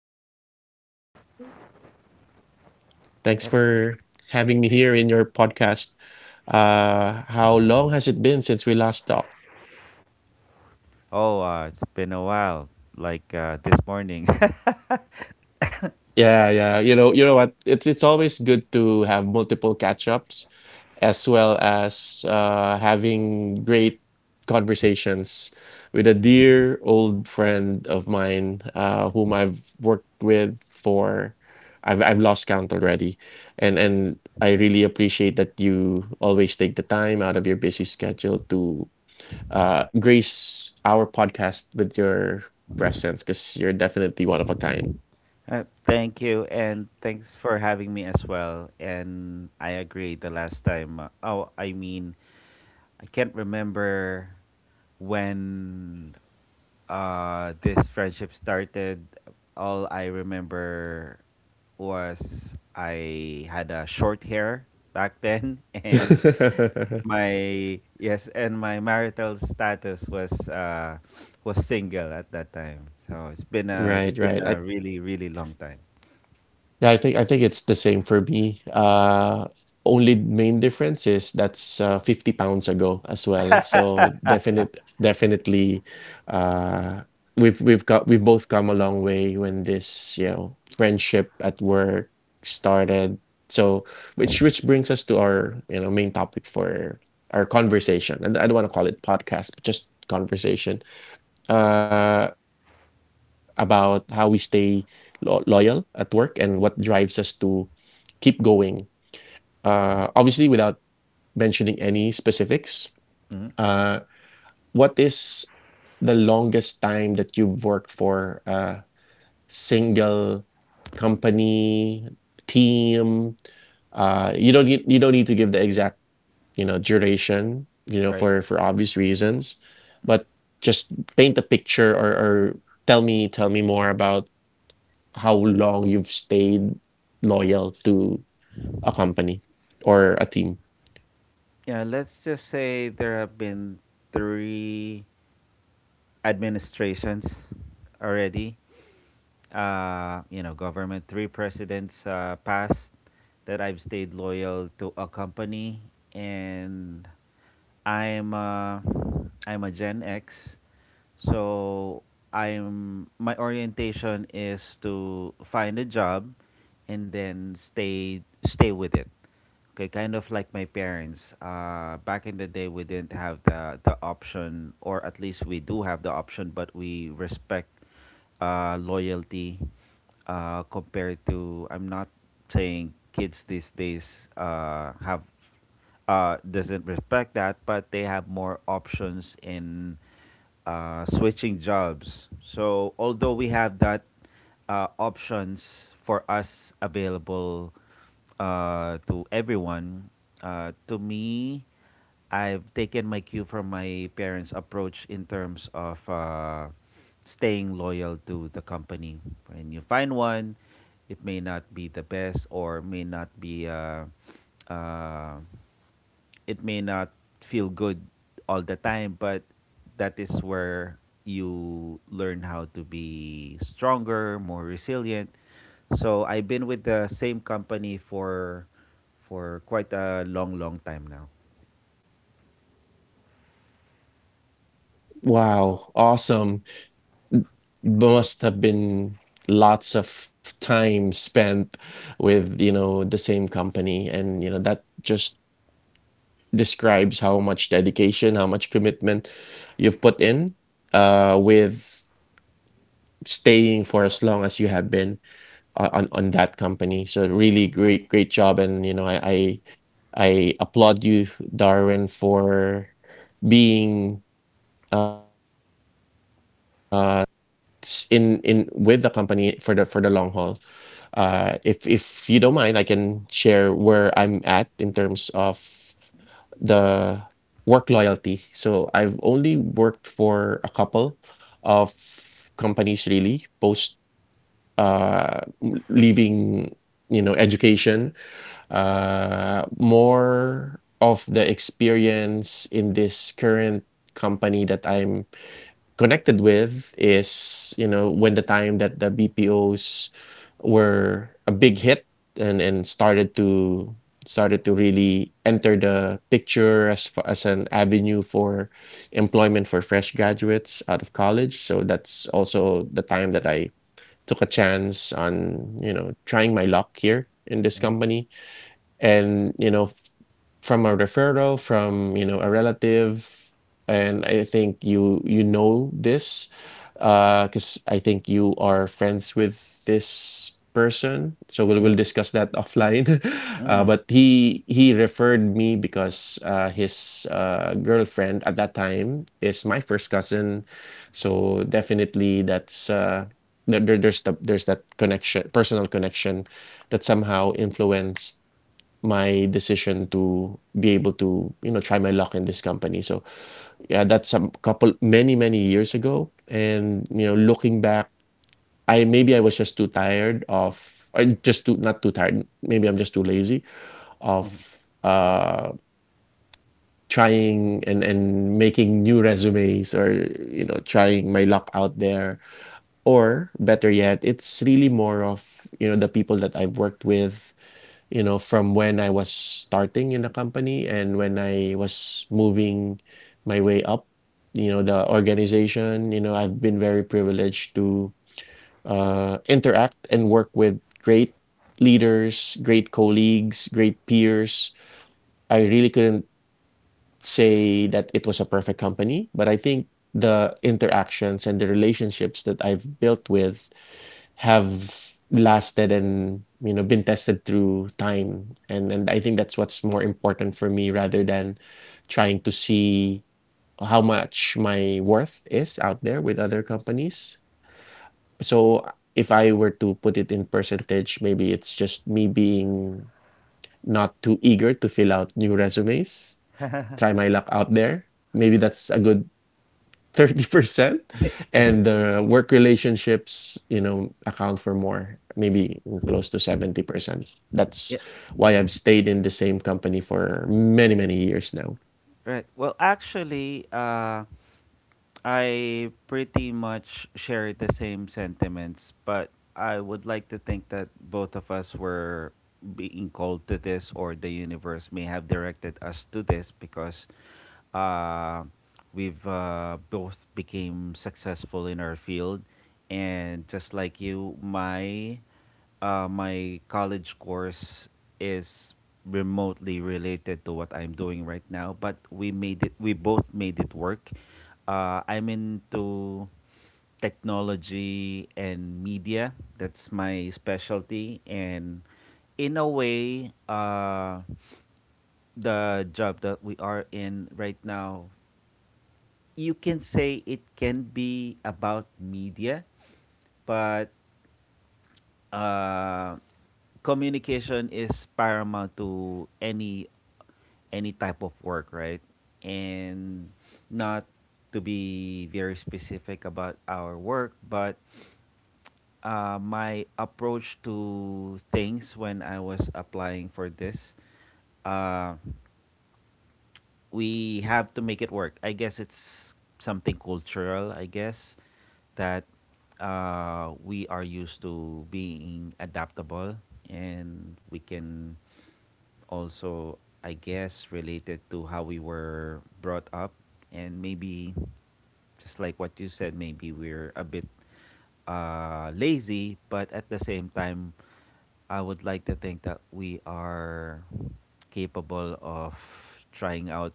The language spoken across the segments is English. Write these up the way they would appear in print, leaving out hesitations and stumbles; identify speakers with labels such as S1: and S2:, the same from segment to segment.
S1: Good morning.
S2: Thanks
S1: Yep.
S2: for having me here in your podcast. How long has it been since we last talked?
S1: Oh, it's been a while, like this morning.
S2: Yeah, yeah. You know what? It's always good to have multiple catch-ups as well as having great conversations with a dear old friend of mine whom I've worked with for I've lost count already. And I really appreciate that you always take the time out of your busy schedule to grace our podcast with your presence because you're definitely one of a kind.
S1: Thank you, and thanks for having me as well. And I agree the last time. Oh, I mean, I can't remember when this friendship started. All I remember was I had a short hair back then, and My yes, and my marital status was single at that time. So it's been a it's
S2: Right,
S1: been
S2: right. I
S1: a really really long time.
S2: yeah, I think it's the same for me. Only main difference is that's 50 pounds ago as well. So definitely, uh, we've both come a long way when this friendship at work started. So which brings us to our main topic for our conversation, and I don't want to call it podcast, but just conversation about how we stay loyal at work and what drives us to keep going. Obviously, without mentioning any specifics,
S1: Hmm.
S2: uh, what is the longest time that you've worked for a single company, team? You don't need to give the exact duration
S1: Right.
S2: for obvious reasons, but just paint a picture, or tell me more about how long you've stayed loyal to a company or a team.
S1: Yeah. Let's just say there have been three administrations already. You know, government three presidents passed that I've stayed loyal to a company, and I'm uh, I'm a Gen X, so I'm my orientation is to find a job and then stay with it. Okay, kind of like my parents. Back in the day, we didn't have the option, or at least we do have the option, but we respect loyalty compared to, I'm not saying kids these days have doesn't respect that, but they have more options in switching jobs. So although we have that options for us available to everyone, to me, I've taken my cue from my parents' approach in terms of staying loyal to the company. When you find one, it may not be the best or may not be. Uh, it may not feel good all the time, but that is where you learn how to be stronger, more resilient. So I've been with the same company for quite a long, long time now.
S2: Wow, awesome. Must have been lots of time spent with, you know, the same company. And, you know, that just describes how much dedication, how much commitment you've put in with staying for as long as you have been on on that company. So really great, great job. And, you know, I applaud you, Darwin, for being somebody that's in with the company for the long haul. If you don't mind, I can share where I'm at in terms of the work loyalty. So I've only worked for a couple of companies really post uh, leaving education. More of the experience in this current company that I'm connected with is, you know, when the time that the BPOs were a big hit and started to really enter the picture as as an avenue for employment for fresh graduates out of college. So that's also the time that I took a chance on, you know, trying my luck here in this company, and from a referral from a relative. And I think you know this because I think you are friends with this person, so we'll,
S1: Mm-hmm.
S2: we'll discuss that offline. Uh, but he referred me because his girlfriend at that time is my first cousin, so definitely that's there's there's that connection, personal connection that somehow influenced my decision to be able to, you know, try my luck in this company. So yeah, that's a couple many, many years ago. And, you know, looking back, I maybe I was just too tired of, or just too not too tired. Maybe I'm just too lazy of trying and making new resumes, or you know trying my luck out there, or better yet it's really more of you know the people that I've worked with, you know, from when I was starting in the company and when I was moving my way up, you know, the organization. You know, I've been very privileged to interact and work with great leaders, great colleagues, great peers. I really couldn't say that it was a perfect company, but I think the interactions and the relationships that I've built with have lasted and you know been tested through time. And I think that's what's more important for me rather than trying to see how much my worth is out there with other companies. So if I were to put it in percentage, maybe it's just me being not too eager to fill out new resumes, try my luck out there. Maybe that's a good 30%, and the work relationships you know account for more, maybe close to 70%. That's
S1: Yeah,
S2: why I've stayed in the same company for many, many years now.
S1: right. Well, actually, I pretty much share the same sentiments, but I would like to think that both of us were being called to this, or the universe may have directed us to this because uh, we've both became successful in our field, and just like you, my my college course is remotely related to what I'm doing right now, but we made it. We both made it work. I'm into technology and media. That's my specialty, and in a way, the job that we are in right now, you can say it can be about media, but uh, communication is paramount to any type of work, right? And not to be very specific about our work, but my approach to things when I was applying for this, uh, we have to make it work. I guess it's something cultural. I guess that we are used to being adaptable, and we can also, I guess, related to how we were brought up, and maybe just like what you said, maybe we're a bit lazy, but at the same time, I would like to think that we are capable of trying out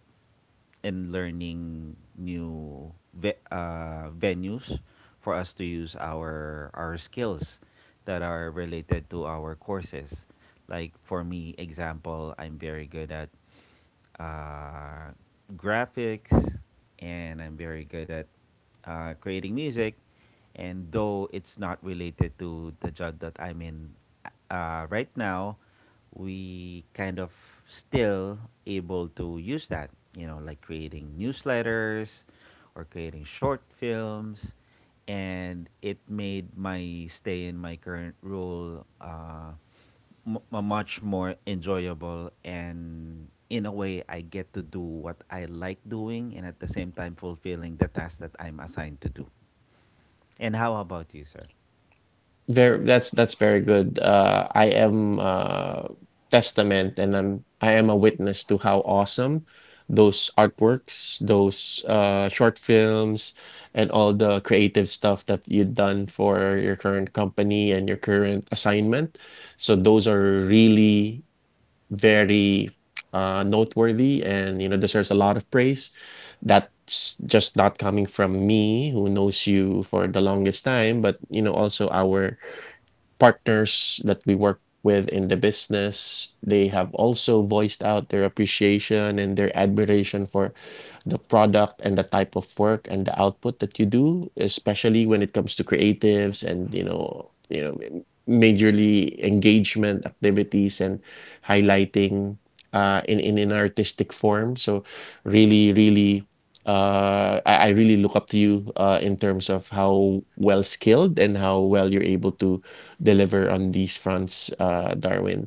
S1: and learning new venues for us to use our skills that are related to our courses, like for me example, I'm very good at uh, graphics, and I'm very good at creating music. And though it's not related to the job that I'm in right now, we kind of still able to use that, you know, like creating newsletters or creating short films. And it made my stay in my current role a much more enjoyable, and in a way, I get to do what I like doing, and at the same time, fulfilling the task that I'm assigned to do. And how about you, sir?
S2: Very. That's very good. I am testament, and I am a witness to how awesome those artworks, those, short films, and all the creative stuff that you've done for your current company and your current assignment. So those are really very, noteworthy and, you know, deserves a lot of praise. That's just not coming from me, who knows you for the longest time, but, you know, also our partners that we work with in the business. They have also voiced out their appreciation and their admiration for the product and the type of work and the output that you do, especially when it comes to creatives, and you know, majorly engagement activities and highlighting in an artistic form. So really, really. I really look up to you in terms of how well skilled and how well you're able to deliver on these fronts, Darwin.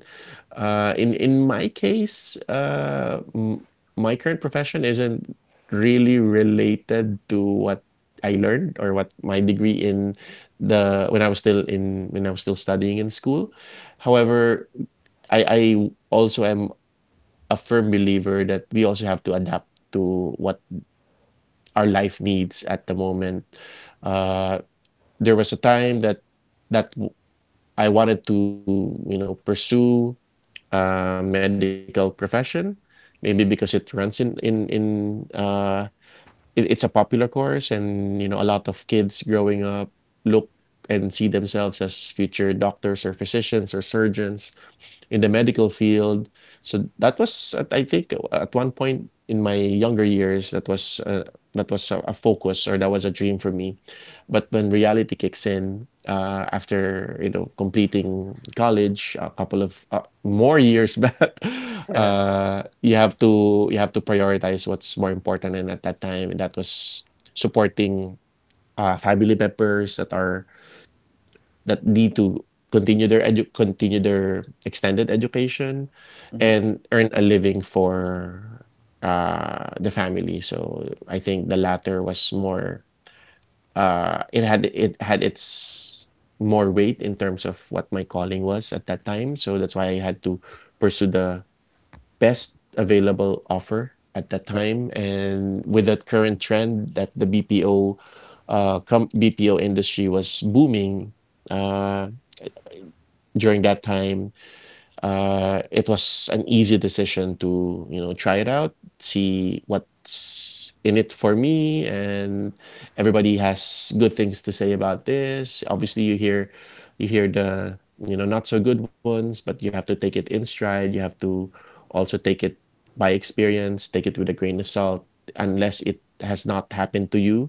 S2: In my case, my current profession isn't really related to what I learned or what my degree in the when I was still in when I was still studying in school. However, I also am a firm believer that we also have to adapt to what our life needs at the moment. Uh, there was a time that that I wanted to, you know, pursue a medical profession, maybe because it runs in uh, it, it's a popular course, and you know, a lot of kids growing up look and see themselves as future doctors or physicians or surgeons in the medical field. So that was, I think, at one point in my younger years, that was a focus, or that was a dream for me. But when reality kicks in, after you know completing college, a couple of more years back, you have to prioritize what's more important. And at that time, that was supporting family members that are that need to continue their extended education
S1: Mm-hmm.
S2: and earn a living for, the family. So, I think the latter was more, it had its more weight in terms of what my calling was at that time. So, that's why I had to pursue the best available offer at that
S1: Correct.
S2: time. And with that current trend that the BPO industry was booming, uh during that time, it was an easy decision to, you know, try it out, see what's in it for me, and everybody has good things to say about this. Obviously, you hear the, you know, not so good ones, but you have to take it in stride. You have to also take it by experience, take it with a grain of salt, unless it has not happened to you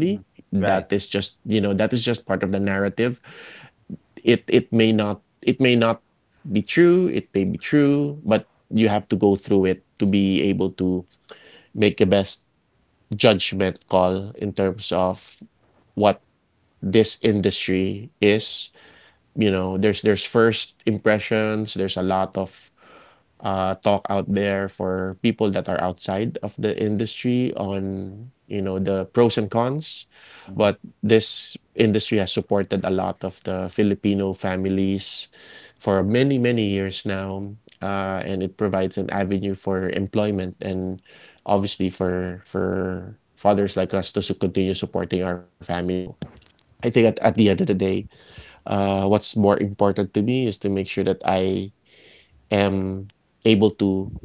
S1: Mm-hmm. Right.
S2: That is just, you know, that is just part of the narrative. It may not be true, it may be true, but you have to go through it to be able to make the best judgment call in terms of what this industry is. You know, there's first impressions, there's a lot of talk out there for people that are outside of the industry on you know the pros and cons.
S1: Mm-hmm.
S2: But this industry has supported a lot of the Filipino families for many, many years now, and it provides an avenue for employment and obviously for fathers like us to continue supporting our families. So I think at the end of the day, what's more important to me is to make sure that I am able to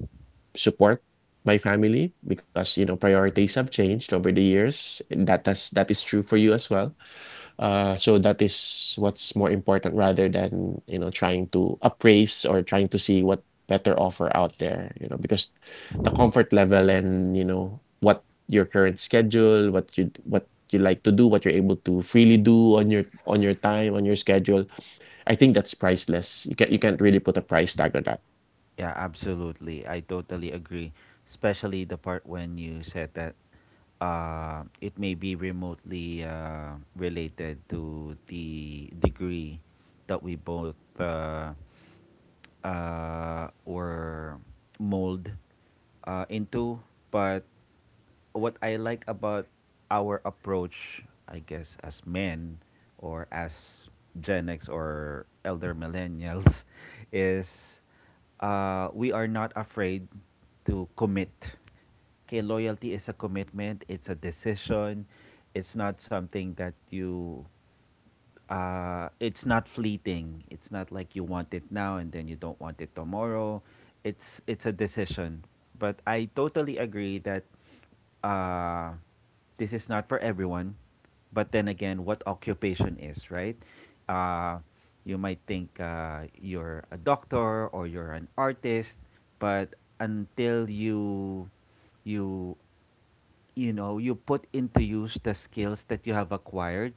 S2: support my family, because you know priorities have changed over the years. That is true for you as well. So that is what's more important, rather than you know trying to appraise or trying to see what better offer out there, you know, because the comfort level and you know what your current schedule, what you like to do, what you're able to freely do on your time, on your schedule, I think that's priceless. You can not you can't really put a price tag on that.
S1: Yeah, absolutely. I totally agree. Especially the part when you said that it may be remotely related to the degree that we both uh, or mold into. But what I like about our approach, I guess, as men or as Gen X or elder millennials, is we are not afraid to commit. Okay, loyalty is a commitment, it's a decision, it's not something that you it's not fleeting. It's not like you want it now and then you don't want it tomorrow. It's a decision. But I totally agree that uh, this is not for everyone. But then again, what occupation is right? Uh, you might think you're a doctor or you're an artist, but until you you know you put into use the skills that you have acquired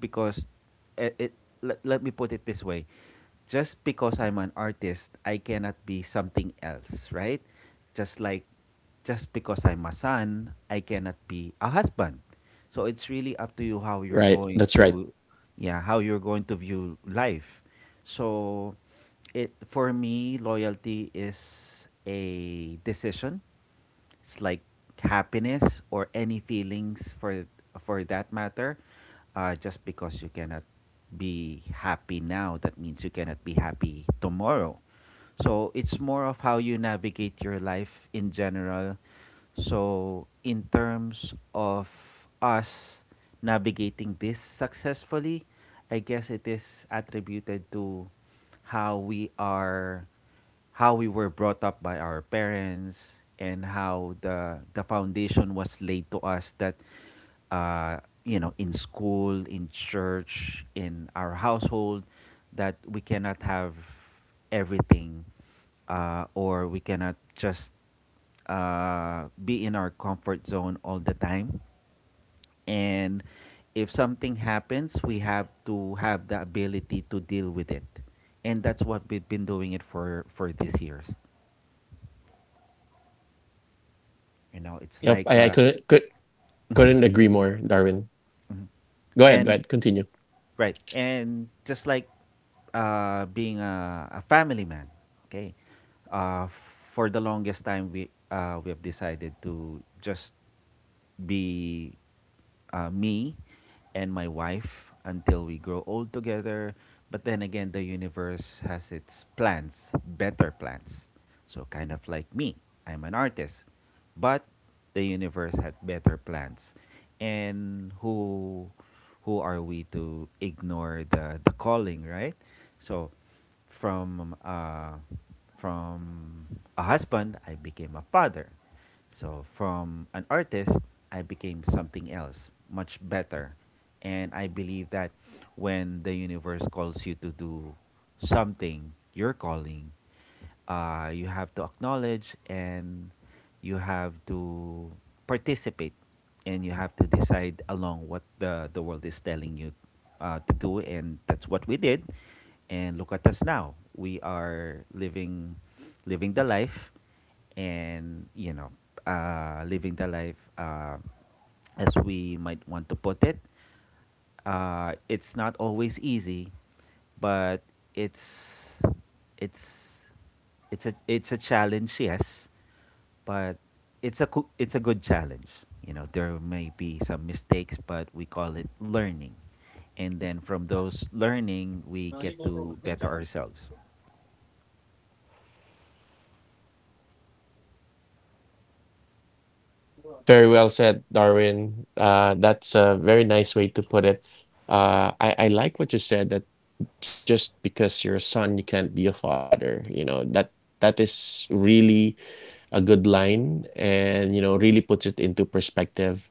S1: because it, let me put it this way, just because I'm an artist, I cannot be something else, right? Just like, just because I'm a son, I cannot be a husband. So it's really up to you how you're going
S2: Right,
S1: to,
S2: that's right.
S1: yeah, how you're going to view life. So it, for me, loyalty is a decision. It's like happiness or any feelings for that matter. Just because you cannot be happy now, that means you cannot be happy tomorrow. So it's more of how you navigate your life in general. So in terms of us navigating this successfully, I guess it is attributed to how we are how we were brought up by our parents, and how the foundation was laid to us that uh, you know, in school, in church, in our household, that we cannot have everything or we cannot just be in our comfort zone all the time, and if something happens, we have to have the ability to deal with it, and that's what we've been doing it for these years. You know, it's like
S2: Yep, I couldn't could Couldn't agree
S1: and
S2: more, Darwin.
S1: right,
S2: Go
S1: and
S2: ahead,
S1: just like
S2: continue.
S1: being a family man. Okay, for the longest time, we have decided to just be me and my wife until we grow old together. But then again, the universe has its plans, better plans. So, kind of like me, I'm an artist, but the universe had better plans. And who are we to ignore the calling, right? So, from from a husband, I became a father. So, from an artist, I became something else, much better. And I believe that when the universe calls you to do something, your calling, you have to acknowledge, and you have to participate, and you have to decide along what the world is telling you to do. And that's what we did, and look at us now. We are living the life, and you know, living the life, as we might want to put it. It's not always easy, but it's it's it's a challenge, yes, but it's a good challenge. You know, there may be some mistakes, but we call it learning, and then from those learning, we get to better ourselves.
S2: Very well said, Darwin. That's a very nice way to put it. I like what you said that just because you're a son, you can't be a father. You know, that is really a good line and you know, really puts it into perspective.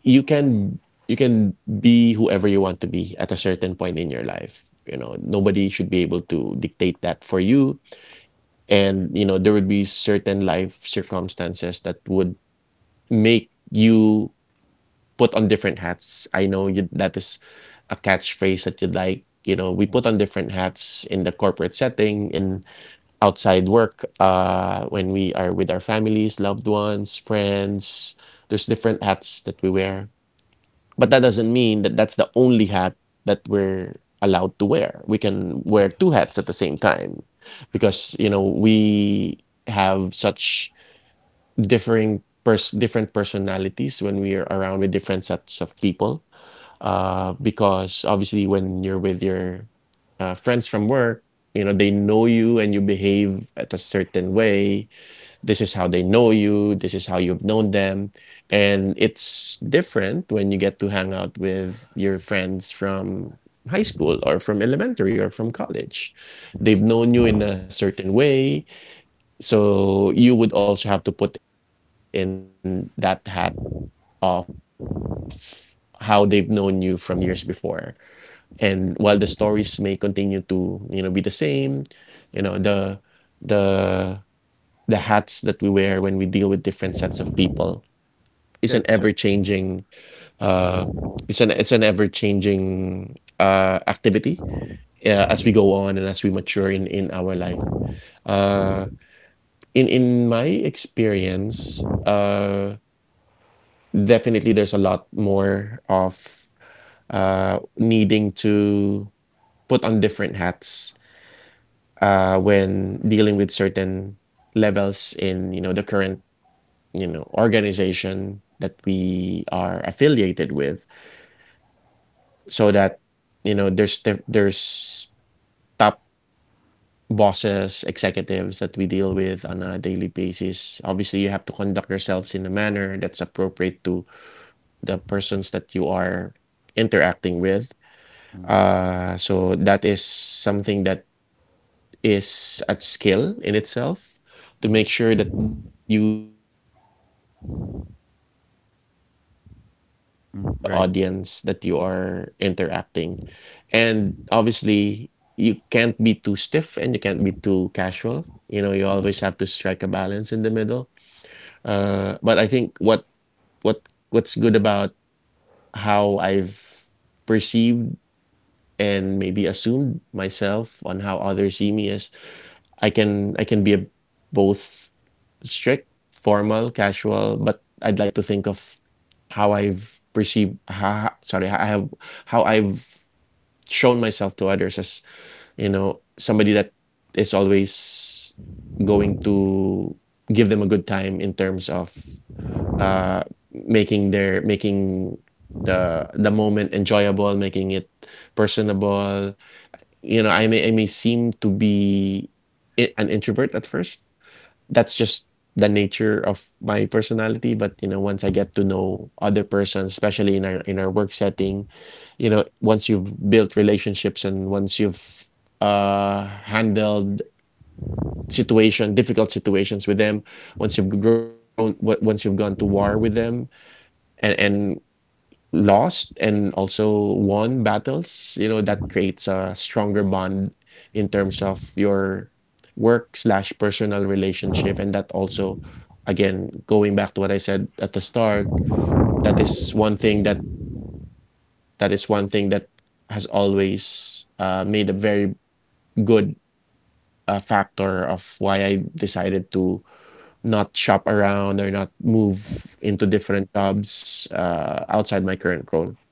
S2: You can you can be whoever you want to be at a certain point in your life. You know, nobody should be able to dictate that for you, and you know there would be certain life circumstances that would make you put on different hats. I know you, that is a catchphrase that you'd like. You know, we
S1: Mm,
S2: put on different hats in the corporate setting, in outside work, when we are with our families, loved ones, friends. There's different hats that we wear. But that
S1: That's
S2: doesn't mean that that's the only hat that we're allowed to wear. We can wear two hats at the same time because, you know, we have such different personalities when we are around with different sets of people, because obviously when you're with your friends from work, you know they know you and you behave at a certain way. This is how they know you, this is how you've known them. And it's different when you get to hang out with your friends from high school or from elementary or from college. They've known you in a certain way, so you would also have to put in that hat of how they've known you from years before. And while the stories may continue to, you know, be the same, you know, the the the hats that we wear when we deal with different sets of people is an ever-changing
S1: that's r-
S2: uh it's an ever-changing activity, as we go on and as we mature in our life. Uh in my experience, definitely, there's a lot more of needing to put on different hats, when dealing with certain levels in you know the current, you know, organization that we are affiliated with, so that you know there's top bosses, executives that we deal with on a daily basis. Obviously, you have to conduct yourselves in a manner that's appropriate to the persons that you are interacting with. So that is something that is at skill in itself, to make sure that you conduct yourselves in a manner that is appropriate to the
S1: right.
S2: audience that you are interacting. And obviously, you can't be too stiff and you can't be too casual. You know, you always have to strike a balance in the middle. But I think what's good about how I've perceived and maybe assumed myself on how others see me as, I can be a, both strict, formal, casual, but I'd like to think of how I've perceived how, sorry, I have how I've shown myself to others as, you know, somebody that is always going to give them a good time in terms of uh making the moment enjoyable, making it personable. You know, I may seem to be an introvert at first. That's just the nature of my personality. But you know, once I get to know other persons, especially in our work setting, you know, once you've built relationships and once you've handled situation difficult situations with them, once you've gone to war with them, and lost and also won battles, you know, that creates a stronger bond in terms of your work slash personal relationship. And that also, again, going back to what I said at the start, that is one thing that that is one thing that has always made a very good factor of why I decided to not shop around or not move into different jobs, outside my current role.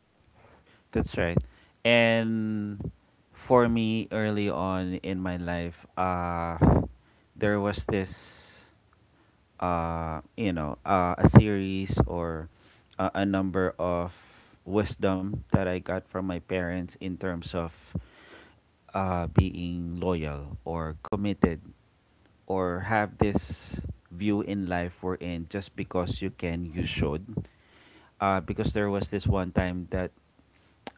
S1: That's right. And for me, early on in my life, there was this. You know, a series or a number of wisdom that I got from my parents in terms of being loyal or committed or have this view in life we're in, just because you can, you should. Because there was this one time that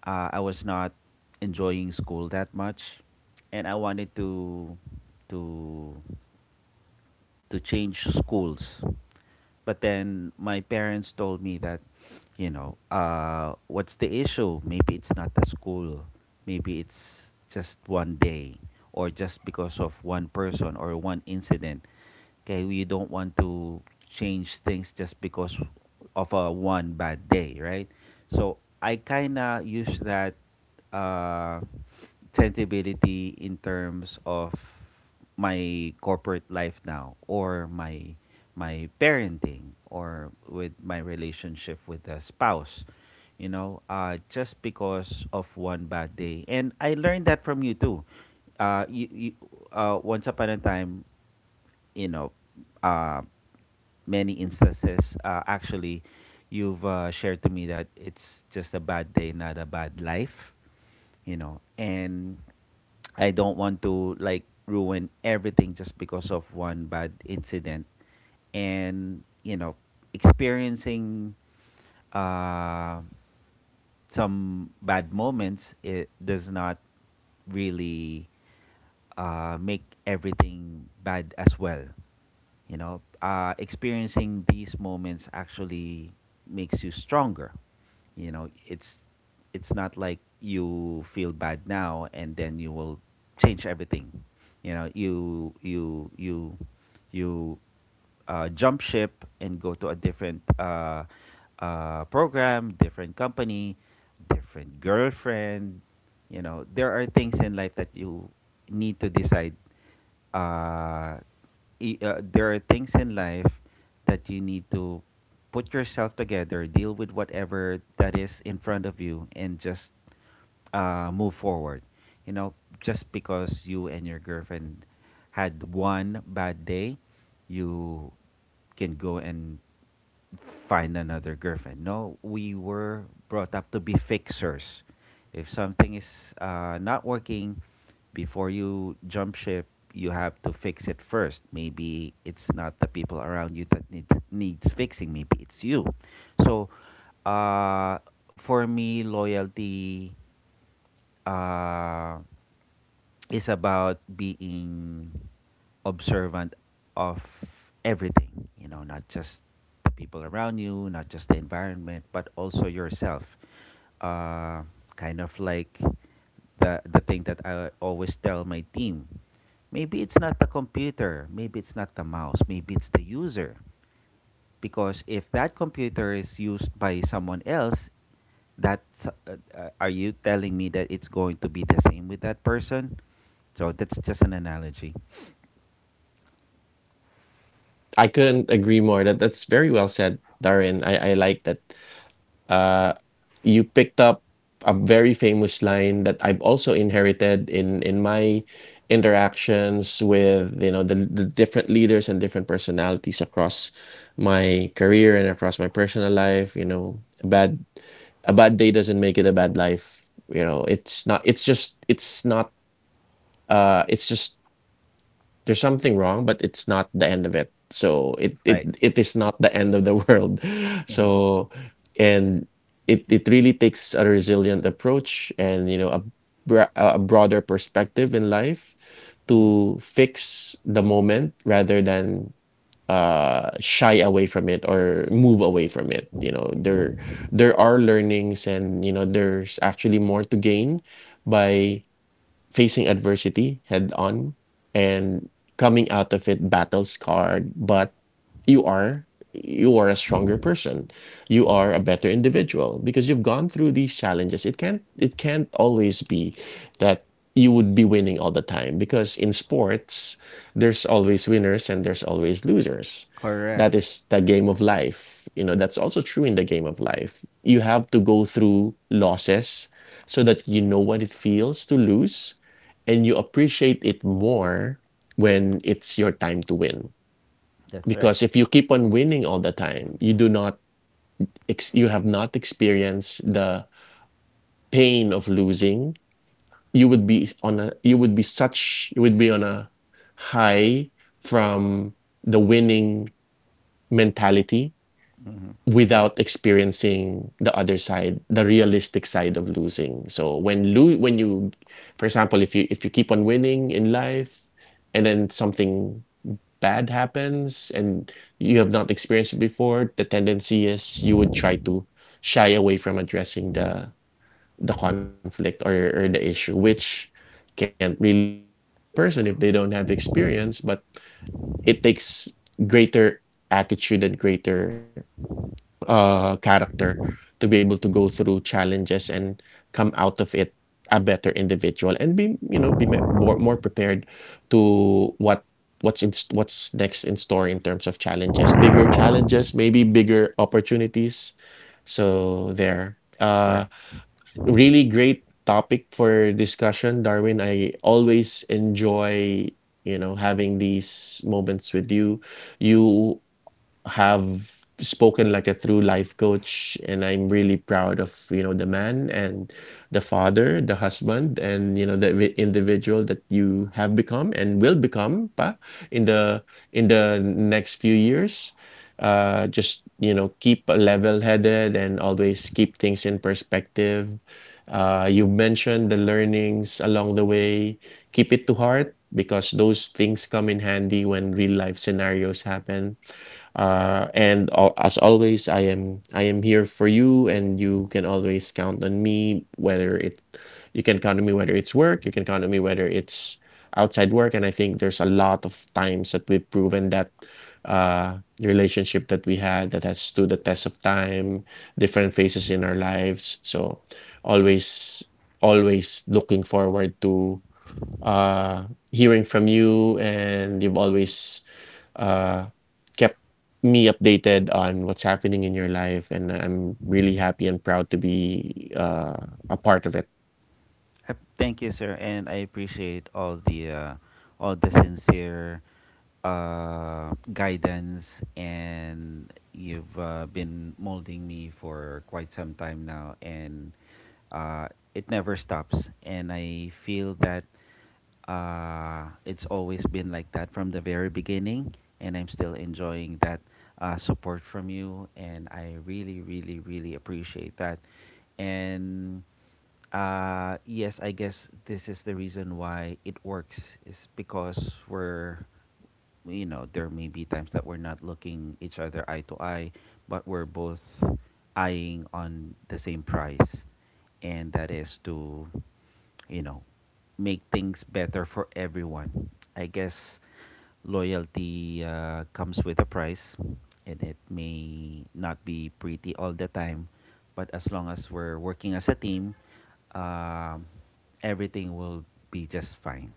S1: I was not enjoying school that much, and I wanted to to to change schools, but then my parents told me that, you know, what's the issue? Maybe it's not the school. Maybe it's just one day or just because of one person or one incident. Okay, you don't want to change things just because of a one bad day, right? So I kind of use that uh, sensibility in terms of my corporate life now, or my parenting, or with my relationship with the spouse. You know, just because of one bad day, and I learned that from you too, uh, you, you, once upon a time, you know, uh, many instances, actually, you've shared to me that it's just a bad day, not a bad life, you know, and I don't want to like ruin everything just because of one bad incident. And, you know, experiencing uh, some bad moments, it does not really make everything bad as well. You know, experiencing these moments actually makes you stronger. You know, it's not like you feel bad now and then you will change everything. You know, you jump ship and go to a different program, different company, different girlfriend. You know, there are things in life that you need to decide uh, there are things in life that you need to put yourself together, deal with whatever that is in front of you, and just move forward. You know, just because you and your girlfriend had one bad day, you can go and find another girlfriend. No, we were brought up to be fixers. If something is not working, before you jump ship, you have to fix it first. Maybe it's not the people around you that needs fixing. Maybe it's you. So, uh, for me, loyalty uh, is about being observant of everything. You know, not just the people around you, not just the environment, but also yourself, uh, kind of like the thing that I always tell my team. Maybe it's not the computer, maybe it's not the mouse, maybe it's the user. Because if that computer is used by someone else, that, are you telling me that it's going to be the same with that person? So that's just an analogy.
S2: I couldn't agree more. That's very well said, Darren. I like that. Uh, you picked up a very famous line that I've also inherited in my interactions with you know the different leaders and different personalities across my career and across my personal life. You know, a bad day doesn't make it a bad life. You know, it's not. It's just. It's not. It's just there's something wrong, but it's not the end of it. So it it
S1: Right.
S2: it is not the end of the world.
S1: Hmm.
S2: So and it really takes a resilient approach, and you know a a broader perspective in life
S1: Hmm.
S2: to fix the moment rather than shy away from it or move away from it. You know, there are learnings, and you know there's actually more to gain by facing adversity head on, and coming out of it battle scarred, but you are, a stronger person. You are a better individual because you've gone through these challenges. It can't always be that you would be winning all the time, because in sports there's always winners and there's always losers. That
S1: Correct.
S2: is the game of life. You know, that's also true in the game of life. You have to go through losses so that you know what it feels to lose, and you appreciate it more when it's your time to win.
S1: That's right.
S2: Because if you keep on winning all the time, you do not you have not experienced the pain of losing. You would be on a you would be such you would be on a high from the winning mentality without experiencing the other side, the realistic side of losing. So when you, for example, if you keep on winning in life, and then something bad happens and you have not experienced it before, the tendency is you would try to shy away from addressing the conflict, or the issue, which can't really blame the person if they don't have experience, but it takes greater attitude and greater character to be able to go through challenges and come out of it a better individual, and be you know be more prepared to what what's next in store in terms of challenges, bigger challenges, maybe bigger opportunities. So there
S1: Correct.
S2: really great topic for discussion, Darwin. I always enjoy you know having these moments with you. You have spoken like a true life coach, and I'm really proud of you know the man, and the father, the husband, and you know the individual that you have become and will become, pa, in the in the next few years. Just you know, keep level headed and always keep things in perspective. You mentioned the learnings along the way. Keep it to heart, because those things come in handy when real life scenarios happen. As always, I am here for you, and you can always count on me. Whether it you can count on me whether it's work, you can count on me whether it's outside work. And I think there's a lot of times that we've proven that, the relationship that we had, that has stood the test of time, different phases in our lives. So always, always looking forward to, uh, hearing from you, and you've always uh, kept me updated on what's happening in your life, and I'm really happy and proud to be, a part of it.
S1: Thank you, sir, and I appreciate all the sincere guidance, and you've been molding me for quite some time now, and uh, it never stops. And I feel that it's always been like that from the very beginning, and I'm still enjoying that support from you, and I really, really, really appreciate that, and. Yes, I guess this is the reason why it works is because we're, you know, there may be times that we're not looking each other eye to eye, but we're both eyeing on the same prize, and that is to, you know, make things better for everyone. I guess loyalty comes with a price, and it may not be pretty all the time, but as long as we're working as a team, um, everything will be just fine.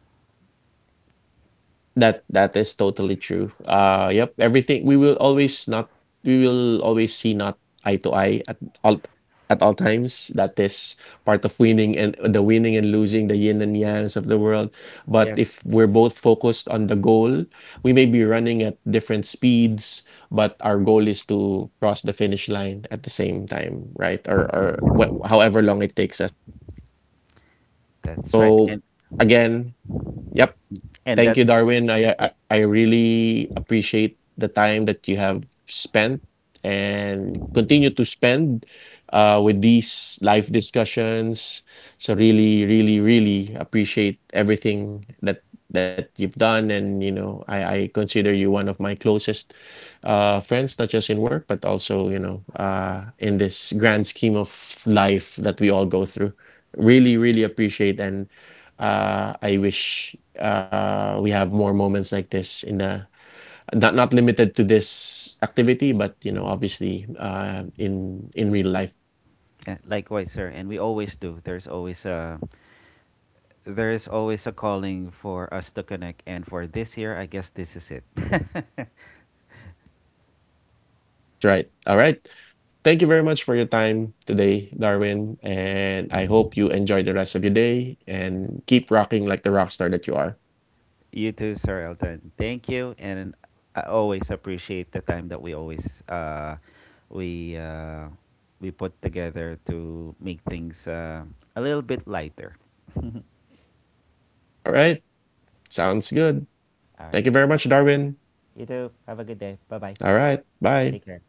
S2: That that is totally true. Yep, everything, we will always see not eye to eye at all, at all times. That is part of winning, and the winning and losing, the yin and yangs of the world. But
S1: Yes.
S2: if we're both focused on the goal, we may be running at different speeds, but our goal is to cross the finish line at the same time, right? Or however long it takes us.
S1: That's right,
S2: So again, yep,
S1: and
S2: thank
S1: that
S2: you, Darwin.
S1: eh,
S2: I really appreciate the time that you have spent and continue to spend, with these live discussions. So really, really, really appreciate everything that you've done, and you know, I consider you one of my closest, friends, not just in work, but also you know, in this grand scheme of life that we all go through. Really, really appreciate, and I wish we have more moments like this in a, not limited to this activity, but you know, obviously, in real life.
S1: eh, likewise, sir. And we always do. There's always a there is always a calling for us to connect, and for this year, I guess this is it.
S2: That's right. All right. Thank you very much for your time today, Darwin, and I hope you enjoy the rest of your day and keep rocking like the rock star that you are.
S1: You too, Sir Elton. Thank you, and I always appreciate the time that we always uh, we uh, we put together to make things a little bit lighter. All
S2: All right. Sounds good.
S1: right.
S2: Thank you very much, Darwin.
S1: You too. Have a good day. Bye bye.
S2: All right. Bye.
S1: Take care.